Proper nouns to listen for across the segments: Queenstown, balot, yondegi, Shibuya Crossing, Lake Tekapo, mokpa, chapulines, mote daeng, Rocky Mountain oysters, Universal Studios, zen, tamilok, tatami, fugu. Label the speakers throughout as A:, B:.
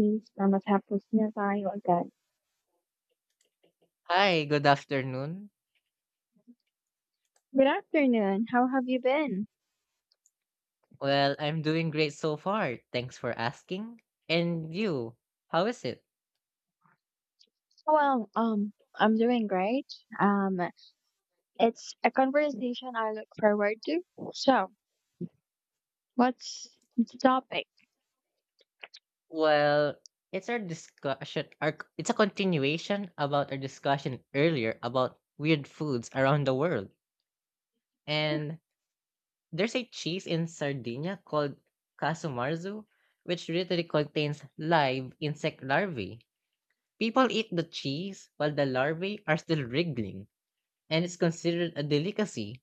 A: Please, I'm matapos na tayo agad.
B: Hi, good afternoon.
A: Good afternoon. How have you been?
B: Well, I'm doing great so far. Thanks for asking. And you, how is it?
A: Well, I'm doing great. Um, it's a conversation I look forward to. So, what's the topic?
B: Well, it's our discussion, it's a continuation about our discussion earlier about weird foods around the world. And there's a cheese in Sardinia called casumarzu, which literally contains live insect larvae. People eat the cheese while the larvae are still wriggling, and it's considered a delicacy.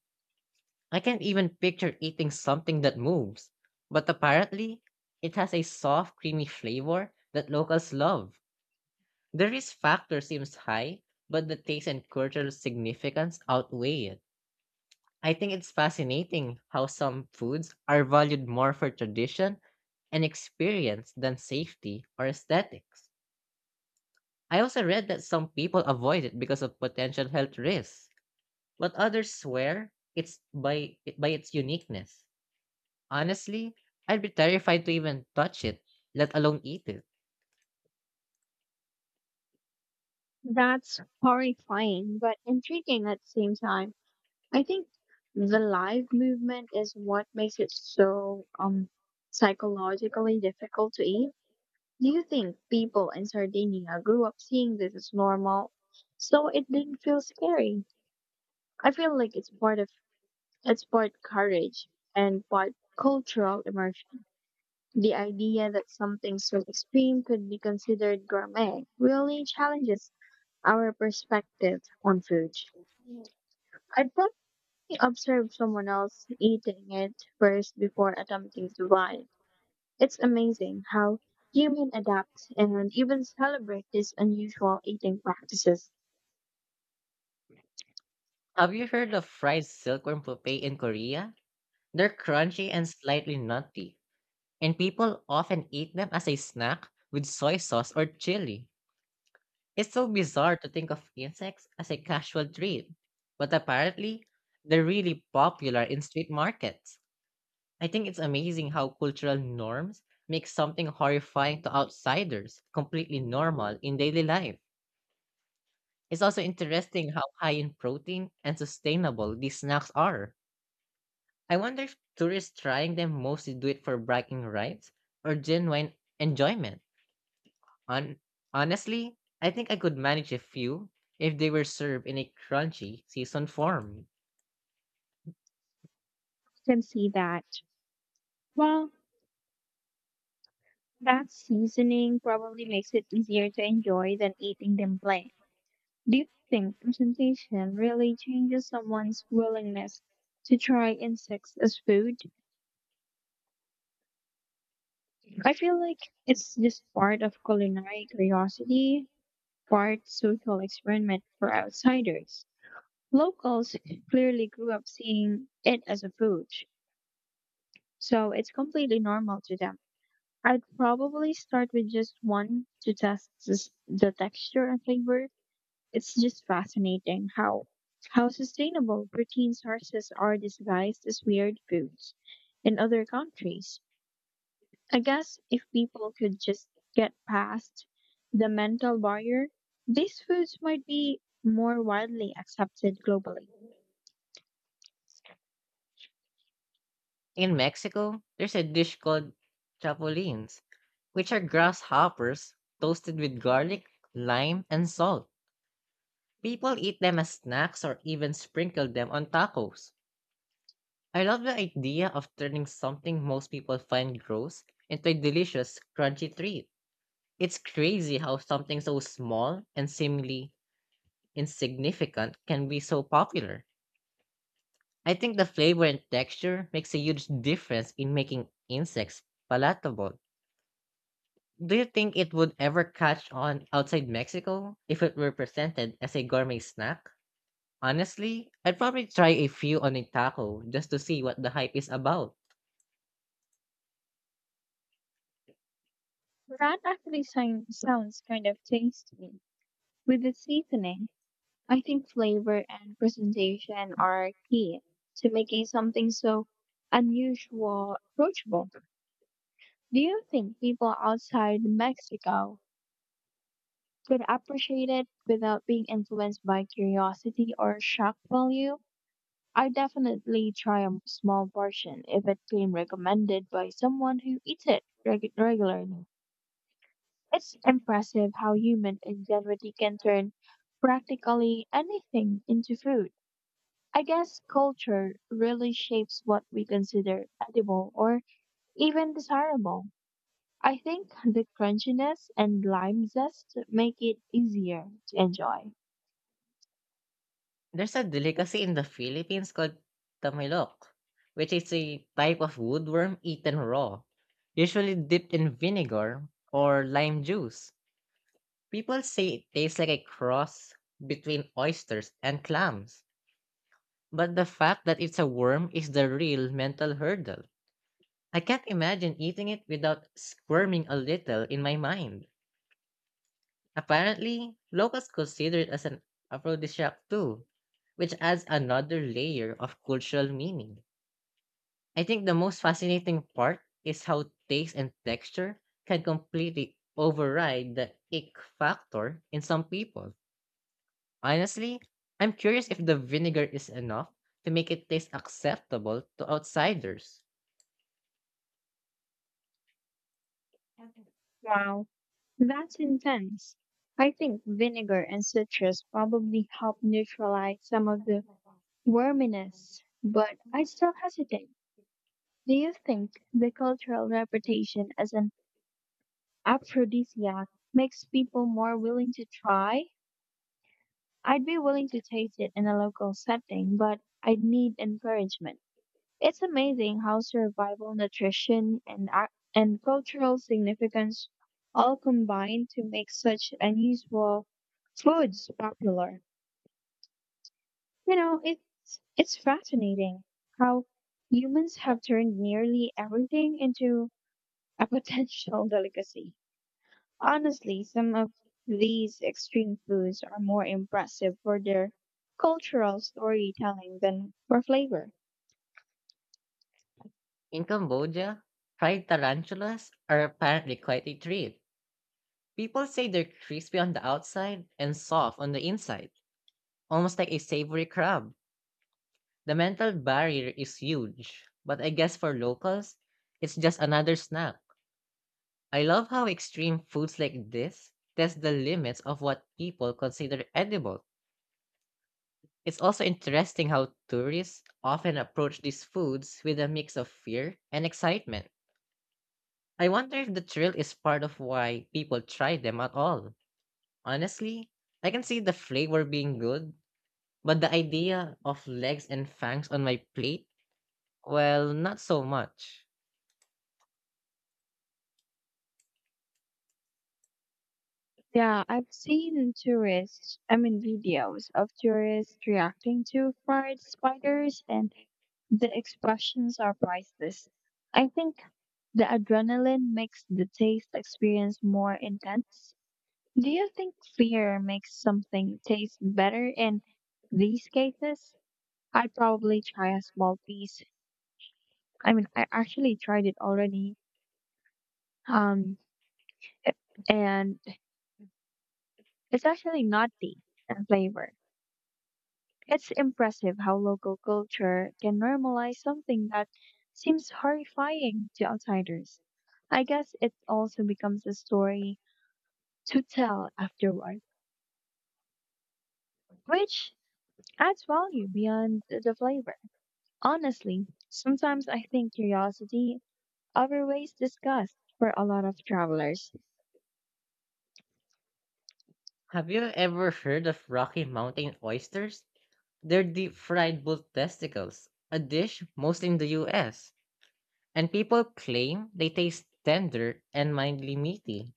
B: I can't even picture eating something that moves, but apparently it has a soft, creamy flavor that locals love. The risk factor seems high, but the taste and cultural significance outweigh it. I think it's fascinating how some foods are valued more for tradition and experience than safety or aesthetics. I also read that some people avoid it because of potential health risks, but others swear it's by its uniqueness. Honestly, I'd be terrified to even touch it, let alone eat it.
A: That's horrifying, but intriguing at the same time. I think the live movement is what makes it so psychologically difficult to eat. Do you think people in Sardinia grew up seeing this as normal? So it didn't feel scary. I feel like it's part courage and part cultural immersion. The idea that something so extreme could be considered gourmet really challenges our perspective on food. I'd probably observe someone else eating it first before attempting to buy it. It's amazing how human adapts and even celebrate these unusual eating practices.
B: Have you heard of fried silkworm pupae in Korea? They're crunchy and slightly nutty, and people often eat them as a snack with soy sauce or chili. It's so bizarre to think of insects as a casual treat, but apparently, they're really popular in street markets. I think it's amazing how cultural norms make something horrifying to outsiders completely normal in daily life. It's also interesting how high in protein and sustainable these snacks are. I wonder if tourists trying them mostly do it for bragging rights or genuine enjoyment. On honestly, I think I could manage a few if they were served in a crunchy seasoned form.
A: Can see that. Well, that seasoning probably makes it easier to enjoy than eating them plain. Do you think presentation really changes someone's willingness to try insects as food? I feel like it's just part of culinary curiosity, part social experiment for outsiders. Locals clearly grew up seeing it as a food, so it's completely normal to them. I'd probably start with just one to test the texture and flavor. It's just fascinating how sustainable protein sources are disguised as weird foods in other countries. I guess if people could just get past the mental barrier, these foods might be more widely accepted globally.
B: In Mexico, there's a dish called chapulines, which are grasshoppers toasted with garlic, lime, and salt. People eat them as snacks or even sprinkle them on tacos. I love the idea of turning something most people find gross into a delicious, crunchy treat. It's crazy how something so small and seemingly insignificant can be so popular. I think the flavor and texture makes a huge difference in making insects palatable. Do you think it would ever catch on outside Mexico if it were presented as a gourmet snack? Honestly, I'd probably try a few on a taco just to see what the hype is about.
A: That actually sounds kind of tasty. With the seasoning, I think flavor and presentation are key to making something so unusual approachable. Do you think people outside Mexico could appreciate it without being influenced by curiosity or shock value? I definitely try a small portion if it came recommended by someone who eats it regularly. It's impressive how human ingenuity can turn practically anything into food. I guess culture really shapes what we consider edible or even desirable. I think the crunchiness and lime zest make it easier to enjoy.
B: There's a delicacy in the Philippines called tamilok, which is a type of woodworm eaten raw, usually dipped in vinegar or lime juice. People say it tastes like a cross between oysters and clams, but the fact that it's a worm is the real mental hurdle. I can't imagine eating it without squirming a little in my mind. Apparently, locals consider it as an aphrodisiac too, which adds another layer of cultural meaning. I think the most fascinating part is how taste and texture can completely override the ick factor in some people. Honestly, I'm curious if the vinegar is enough to make it taste acceptable to outsiders.
A: Wow, that's intense. I think vinegar and citrus probably help neutralize some of the worminess, but I still hesitate. Do you think the cultural reputation as an aphrodisiac makes people more willing to try? I'd be willing to taste it in a local setting, but I'd need encouragement. It's amazing how survival nutrition and cultural significance all combine to make such unusual foods popular. You know, it's fascinating how humans have turned nearly everything into a potential delicacy. Honestly, some of these extreme foods are more impressive for their cultural storytelling than for flavor.
B: In Cambodia, fried tarantulas are apparently quite a treat. People say they're crispy on the outside and soft on the inside, almost like a savory crab. The mental barrier is huge, but I guess for locals, it's just another snack. I love how extreme foods like this test the limits of what people consider edible. It's also interesting how tourists often approach these foods with a mix of fear and excitement. I wonder if the thrill is part of why people try them at all. Honestly, I can see the flavor being good, but the idea of legs and fangs on my plate, well, not so much.
A: Yeah, I've seen I mean, videos of tourists reacting to fried spiders, and the expressions are priceless. I think the adrenaline makes the taste experience more intense. Do you think fear makes something taste better in these cases? I'd probably try a small piece. I mean, I actually tried it already, um, and it's actually nutty in flavor. It's impressive how local culture can normalize something that seems horrifying to outsiders. I guess it also becomes a story to tell afterward, which adds value beyond the flavor. Honestly, sometimes I think curiosity outweighs disgust for a lot of travelers.
B: Have you ever heard of Rocky Mountain oysters? They're deep fried bull testicles, a dish mostly in the US, and people claim they taste tender and mildly meaty.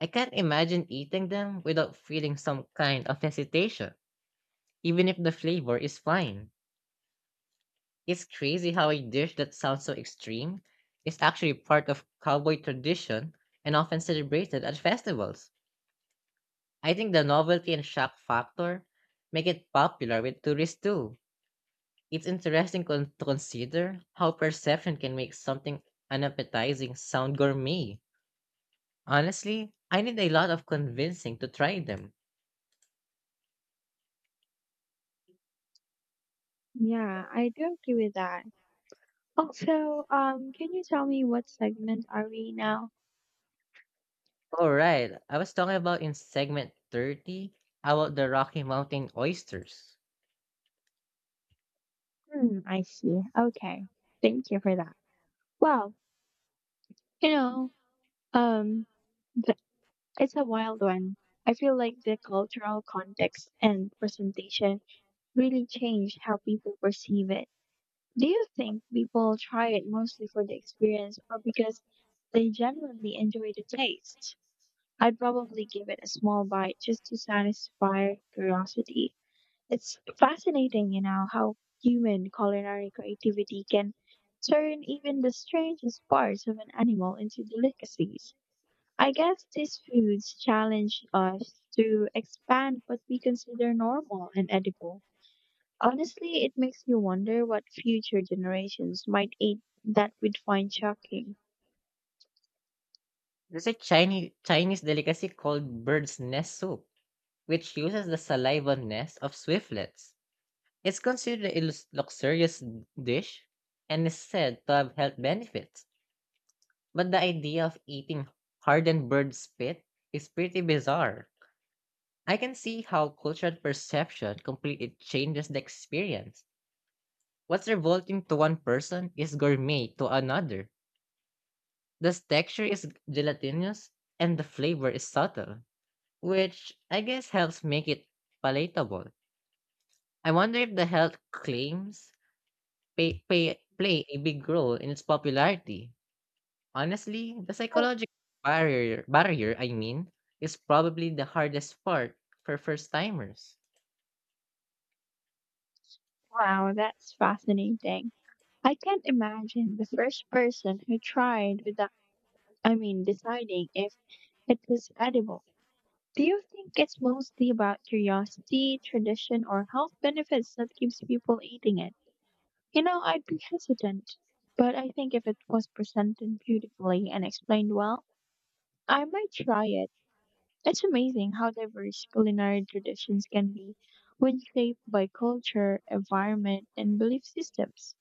B: I can't imagine eating them without feeling some kind of hesitation, even if the flavor is fine. It's crazy how a dish that sounds so extreme is actually part of cowboy tradition and often celebrated at festivals. I think the novelty and shock factor make it popular with tourists too. It's interesting to consider how perception can make something unappetizing sound gourmet. Honestly, I need a lot of convincing to try them.
A: Yeah, I do agree with that. Also, can you tell me what segment are we now?
B: Alright, I was talking about in segment 30 about the Rocky Mountain oysters.
A: Hmm, I see. Okay. Thank you for that. Well, You know, um, th- it's a wild one. I feel like the cultural context and presentation really change how people perceive it. Do you think people try it mostly for the experience or because they genuinely enjoy the taste? I'd probably give it a small bite just to satisfy curiosity. It's fascinating, you know, how human culinary creativity can turn even the strangest parts of an animal into delicacies. I guess these foods challenge us to expand what we consider normal and edible. Honestly, it makes you wonder what future generations might eat that we'd find shocking.
B: There's a Chinese delicacy called bird's nest soup, which uses the saliva nest of swiftlets. It's considered a luxurious dish and is said to have health benefits. But the idea of eating hardened bird spit is pretty bizarre. I can see how cultural perception completely changes the experience. What's revolting to one person is gourmet to another. The texture is gelatinous and the flavor is subtle, which I guess helps make it palatable. I wonder if the health claims play a big role in its popularity. Honestly, the psychological barrier is probably the hardest part for first-timers.
A: Wow, that's fascinating. I can't imagine the first person who tried without, I mean, deciding if it was edible. Do you think it's mostly about curiosity, tradition, or health benefits that keeps people eating it? You know, I'd be hesitant, but I think if it was presented beautifully and explained well, I might try it. It's amazing how diverse culinary traditions can be when shaped by culture, environment, and belief systems.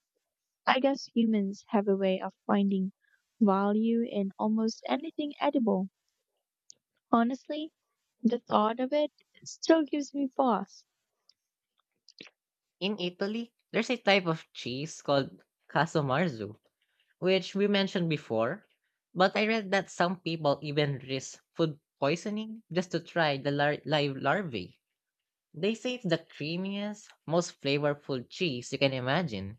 A: I guess humans have a way of finding value in almost anything edible. Honestly, the thought of it still gives me pause.
B: In Italy, there's a type of cheese called Casomarzu, which we mentioned before, but I read that some people even risk food poisoning just to try the live larvae. They say it's the creamiest, most flavorful cheese you can imagine,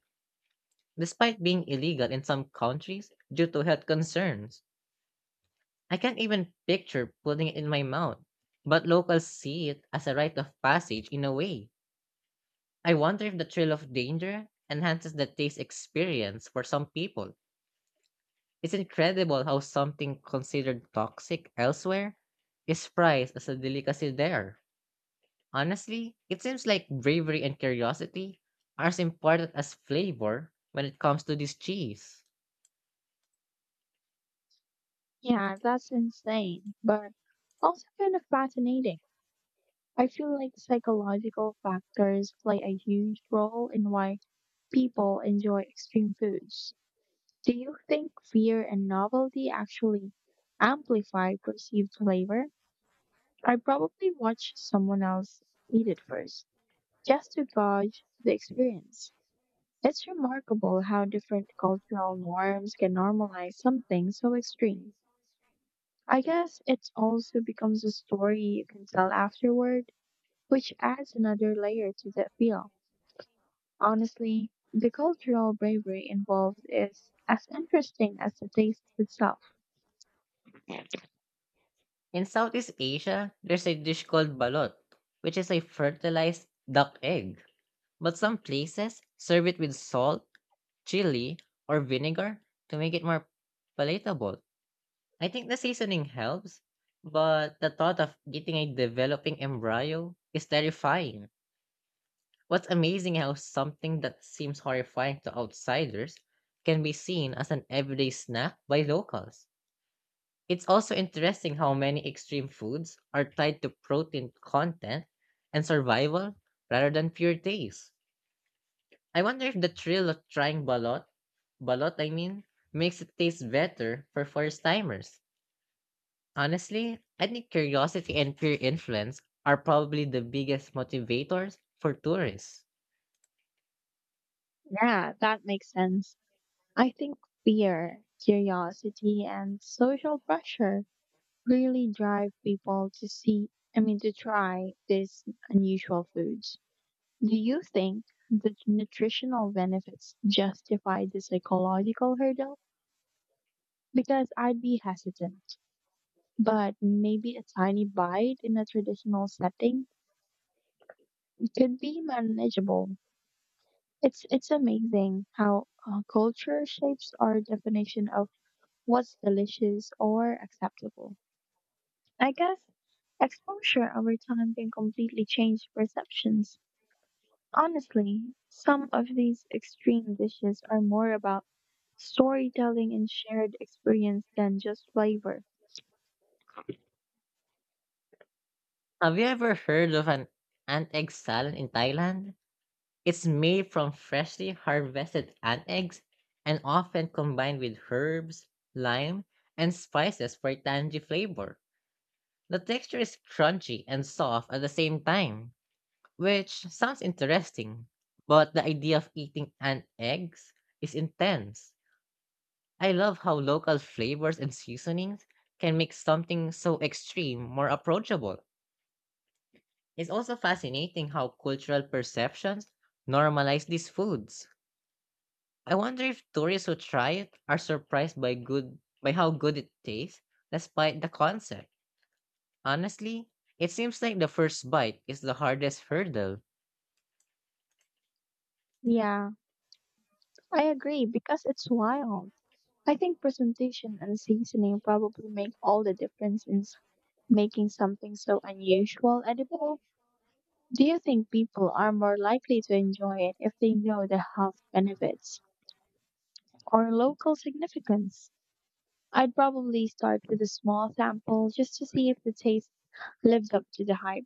B: despite being illegal in some countries due to health concerns. I can't even picture putting it in my mouth, but locals see it as a rite of passage in a way. I wonder if the thrill of danger enhances the taste experience for some people. It's incredible how something considered toxic elsewhere is prized as a delicacy there. Honestly, it seems like bravery and curiosity are as important as flavor when it comes to this cheese.
A: Yeah, that's insane, but also kind of fascinating. I feel like psychological factors play a huge role in why people enjoy extreme foods. Do you think fear and novelty actually amplify perceived flavor? I probably watch someone else eat it first, just to gauge the experience. It's remarkable how different cultural norms can normalize something so extreme. I guess it also becomes a story you can tell afterward, which adds another layer to the feel. Honestly, the cultural bravery involved is as interesting as the taste itself.
B: In Southeast Asia, there's a dish called balot, which is a fertilized duck egg. But some places serve it with salt, chili, or vinegar to make it more palatable. I think the seasoning helps, but the thought of getting a developing embryo is terrifying. What's amazing how something that seems horrifying to outsiders can be seen as an everyday snack by locals. It's also interesting how many extreme foods are tied to protein content and survival rather than pure taste. I wonder if the thrill of trying balot makes it taste better for first timers. Honestly, I think curiosity and peer influence are probably the biggest motivators for tourists.
A: Yeah, that makes sense. I think fear, curiosity, and social pressure really drive people to I mean, to try these unusual foods. Do you think the nutritional benefits justify the psychological hurdle? Because I'd be hesitant, but maybe a tiny bite in a traditional setting could be manageable. It's amazing how culture shapes our definition of what's delicious or acceptable. I guess exposure over time can completely change perceptions. Honestly, some of these extreme dishes are more about storytelling and shared experience than just flavor.
B: Have you ever heard of an ant egg salad in Thailand? It's made from freshly harvested ant eggs and often combined with herbs, lime, and spices for tangy flavor. The texture is crunchy and soft at the same time. Which sounds interesting, but the idea of eating ant eggs is intense. I love how local flavors and seasonings can make something so extreme more approachable. It's also fascinating how cultural perceptions normalize these foods. I wonder if tourists who try it are surprised by good by how good it tastes despite the concept. Honestly, it seems like the first bite is the hardest hurdle.
A: Yeah, I agree because it's wild. I think presentation and seasoning probably make all the difference in making something so unusual edible. Do you think people are more likely to enjoy it if they know the health benefits or local significance? I'd probably start with a small sample just to see if the taste lives up to the hype.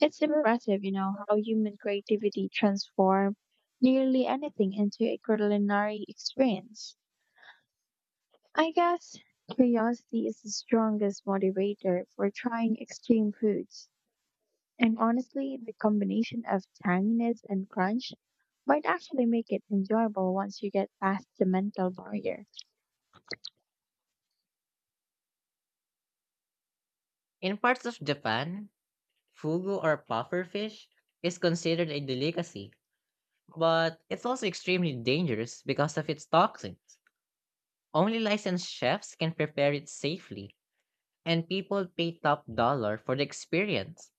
A: It's impressive, you know, how human creativity transforms nearly anything into a culinary experience. I guess curiosity is the strongest motivator for trying extreme foods. And honestly, the combination of tanginess and crunch might actually make it enjoyable once you get past the mental barrier.
B: In parts of Japan, Fugu or puffer fish is considered a delicacy, but it's also extremely dangerous because of its toxins. Only licensed chefs can prepare it safely, and people pay top dollar for the experience.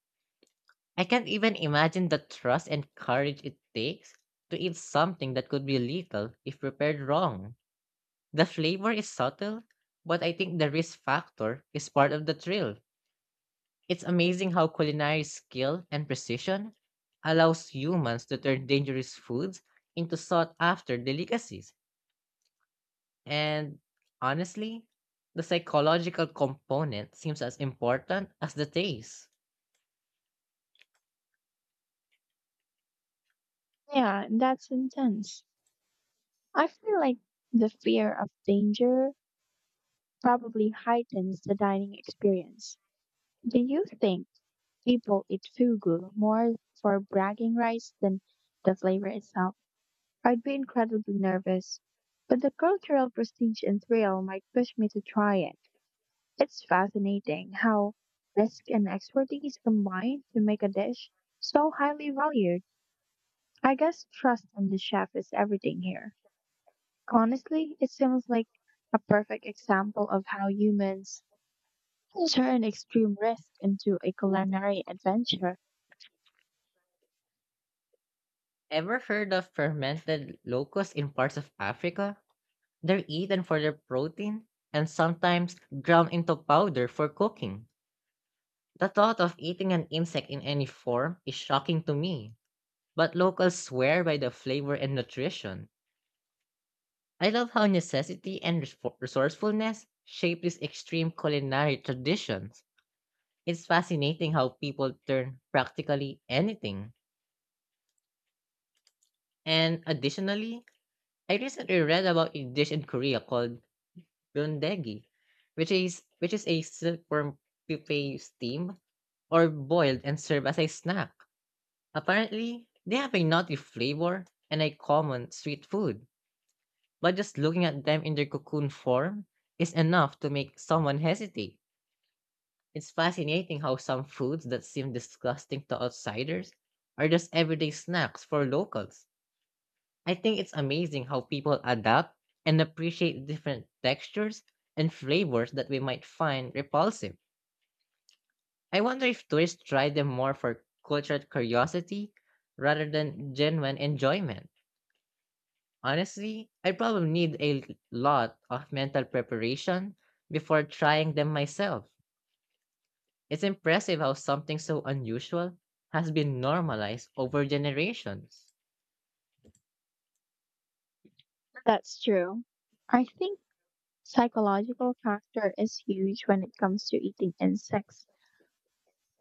B: I can't even imagine the trust and courage it takes to eat something that could be lethal if prepared wrong. The flavor is subtle, but I think the risk factor is part of the thrill. It's amazing how culinary skill and precision allows humans to turn dangerous foods into sought after delicacies. And honestly, the psychological component seems as important as the taste.
A: Yeah, that's intense. I feel like the fear of danger probably heightens the dining experience. Do you think people eat fugu more for bragging rights than the flavor itself? I'd be incredibly nervous, but the cultural prestige and thrill might push me to try it. It's fascinating how risk and expertise combine to make a dish so highly valued. I guess trust in the chef is everything here. Honestly, it seems like a perfect example of how humans turn extreme risk into a culinary adventure.
B: Ever heard of fermented locusts in parts of Africa? They're eaten for their protein and sometimes ground into powder for cooking. The thought of eating an insect in any form is shocking to me, but locals swear by the flavor and nutrition. I love how necessity and resourcefulness shape these extreme culinary traditions. It's fascinating how people turn practically anything. And additionally, I recently read about a dish in Korea called yondegi, which is a silkworm pupae steamed or boiled and served as a snack. Apparently, they have a nutty flavor and a common sweet food, but just looking at them in their cocoon form is enough to make someone hesitate. It's fascinating how some foods that seem disgusting to outsiders are just everyday snacks for locals. I think it's amazing how people adapt and appreciate different textures and flavors that we might find repulsive. I wonder if tourists try them more for cultural curiosity rather than genuine enjoyment. Honestly, I probably need a lot of mental preparation before trying them myself. It's impressive how something so unusual has been normalized over generations.
A: That's true. I think psychological factor is huge when it comes to eating insects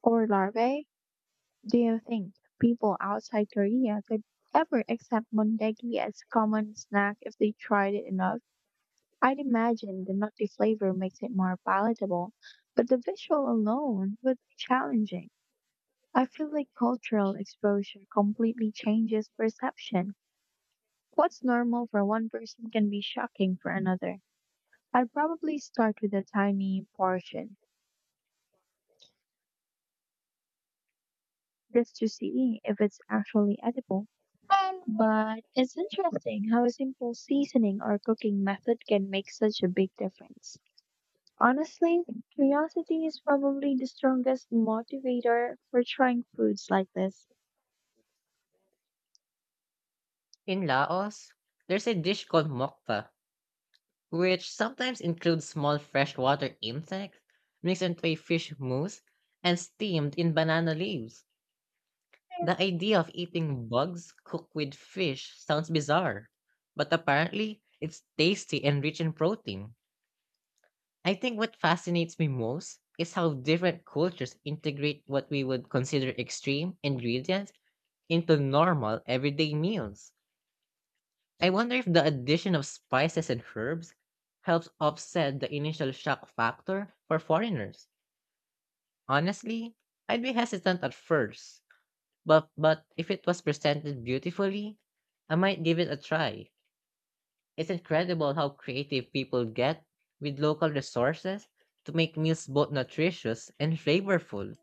A: or larvae. Do you think people outside Korea could ever accept mondegi as a common snack if they tried it enough? I'd imagine the nutty flavor makes it more palatable, but the visual alone would be challenging. I feel like cultural exposure completely changes perception. What's normal for one person can be shocking for another. I'd probably start with a tiny portion just to see if it's actually edible. But it's interesting how a simple seasoning or cooking method can make such a big difference. Honestly, curiosity is probably the strongest motivator for trying foods like this.
B: In Laos, there's a dish called mokpa, which sometimes includes small freshwater insects mixed into a fish mousse and steamed in banana leaves. The idea of eating bugs cooked with fish sounds bizarre, but apparently it's tasty and rich in protein. I think what fascinates me most is how different cultures integrate what we would consider extreme ingredients into normal everyday meals. I wonder if the addition of spices and herbs helps offset the initial shock factor for foreigners. Honestly, I'd be hesitant at first, but if it was presented beautifully, I might give it a try. It's incredible how creative people get with local resources to make meals both nutritious and flavorful.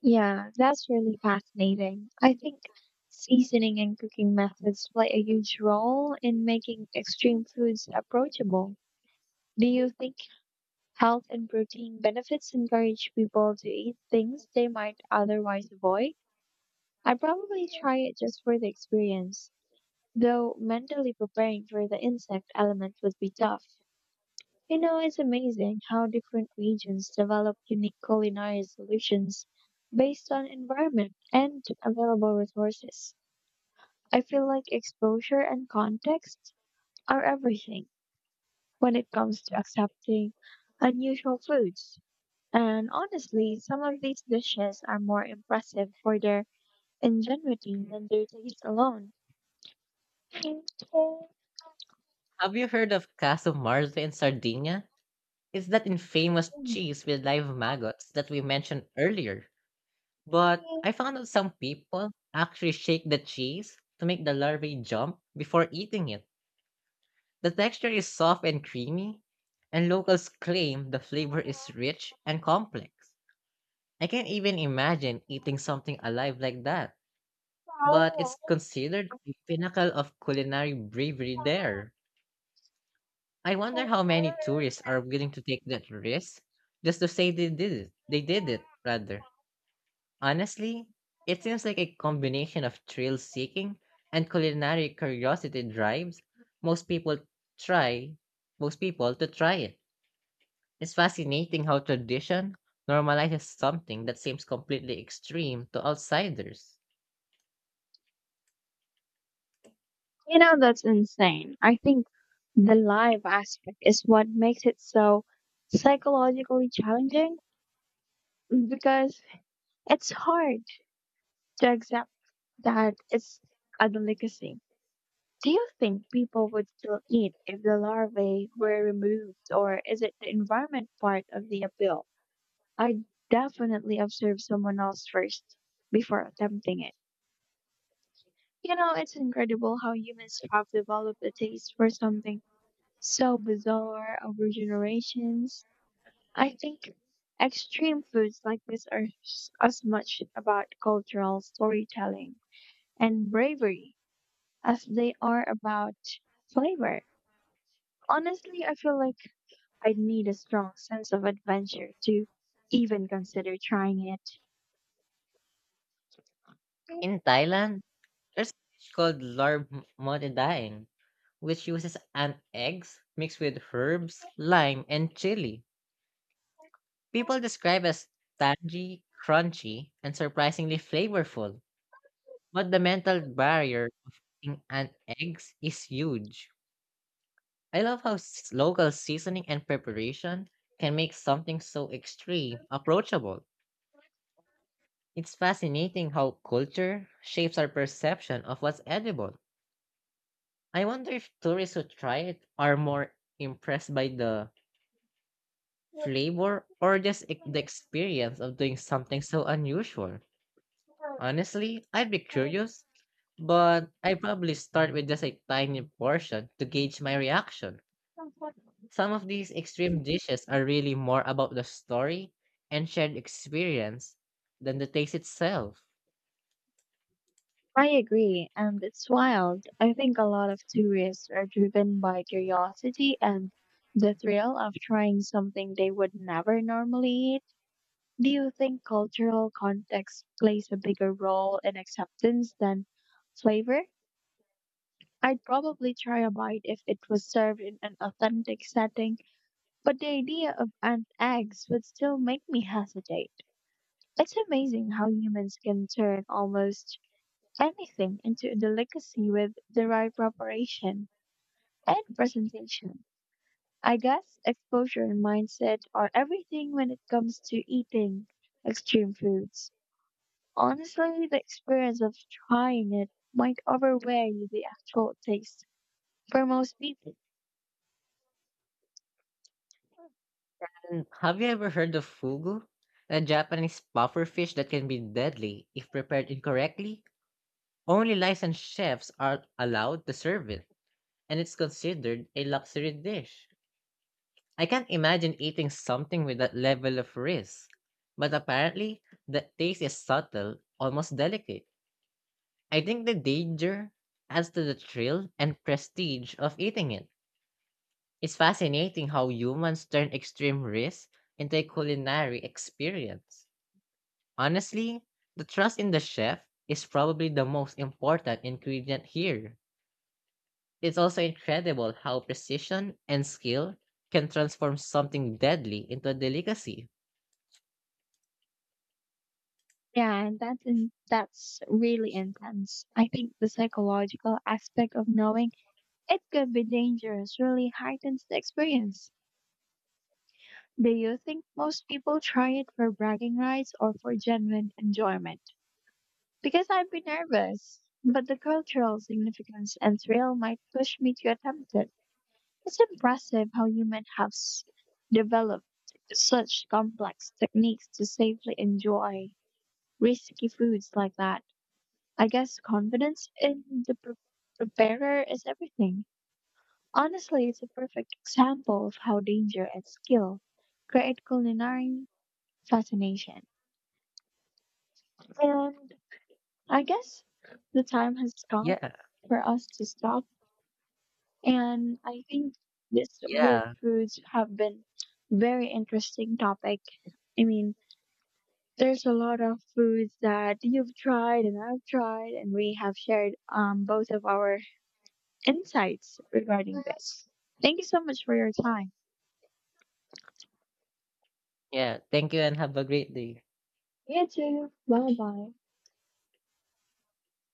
A: Yeah, that's really fascinating. I think seasoning and cooking methods play a huge role in making extreme foods approachable. Do you think health and protein benefits encourage people to eat things they might otherwise avoid? I'd probably try it just for the experience, though mentally preparing for the insect element would be tough. You know, it's amazing how different regions develop unique culinary solutions based on environment and available resources. I feel like exposure and context are everything when it comes to accepting unusual foods. And honestly, some of these dishes are more impressive for their ingenuity than their taste alone.
B: Have you heard of Casu Marze in Sardinia? It's that infamous cheese with live maggots that we mentioned earlier. But I found out some people actually shake the cheese to make the larvae jump before eating it. The texture is soft and creamy, and locals claim the flavor is rich and complex. I can't even imagine eating something alive like that, but it's considered the pinnacle of culinary bravery there. I wonder how many tourists are willing to take that risk just to say They did it, rather. Honestly, it seems like a combination of thrill seeking and culinary curiosity drives most people try most people to try it. It's fascinating how tradition normalizes something that seems completely extreme to outsiders.
A: You know, that's insane. I think the live aspect is what makes it so psychologically challenging because it's hard to accept that it's a delicacy. Do you think people would still eat if the larvae were removed, or is it the environment part of the appeal? I definitely observe someone else first before attempting it. You know, it's incredible how humans have developed a taste for something so bizarre over generations. I think extreme foods like this are as much about cultural storytelling and bravery as they are about flavor. Honestly, I feel like I'd need a strong sense of adventure to even consider trying it.
B: In Thailand, there's a dish called mote daeng, which uses ant eggs mixed with herbs, lime, and chili. People describe as tangy, crunchy, and surprisingly flavorful. But the mental barrier of eating ant eggs is huge. I love how local seasoning and preparation can make something so extreme approachable. It's fascinating how culture shapes our perception of what's edible. I wonder if tourists who try it are more impressed by the flavor, or just the experience of doing something so unusual. Honestly, I'd be curious, but I'd probably start with just a tiny portion to gauge my reaction. Some of these extreme dishes are really more about the story and shared experience than the taste itself.
A: I agree, and it's wild. I think a lot of tourists are driven by curiosity and the thrill of trying something they would never normally eat. Do you think cultural context plays a bigger role in acceptance than flavor? I'd probably try a bite if it was served in an authentic setting. But the idea of an eggs would still make me hesitate. It's amazing how humans can turn almost anything into a delicacy with the right preparation and presentation. I guess exposure and mindset are everything when it comes to eating extreme foods. Honestly, the experience of trying it might overweigh the actual taste for most people.
B: And have you ever heard of fugu? A Japanese puffer fish that can be deadly if prepared incorrectly? Only licensed chefs are allowed to serve it, and it's considered a luxury dish. I can't imagine eating something with that level of risk. But apparently, the taste is subtle, almost delicate. I think the danger adds to the thrill and prestige of eating it. It's fascinating how humans turn extreme risk into a culinary experience. Honestly, the trust in the chef is probably the most important ingredient here. It's also incredible how precision and skill can transform something deadly into a delicacy.
A: Yeah, and that's really intense. I think the psychological aspect of knowing it could be dangerous really heightens the experience. Do you think most people try it for bragging rights or for genuine enjoyment? Because I'd be nervous, but the cultural significance and thrill might push me to attempt it. It's impressive how humans have developed such complex techniques to safely enjoy risky foods like that. I guess confidence in the preparer is everything. Honestly, it's a perfect example of how danger and skill create culinary fascination. And I guess the time has come
B: Yeah,
A: for us to stop. And I think these weird
B: yeah,
A: foods have been very interesting topic. I mean, there's a lot of foods that you've tried and I've tried, and we have shared both of our insights regarding this. Thank you so much for your time.
B: yeah. Thank you and have a great day.
A: You too. Bye bye.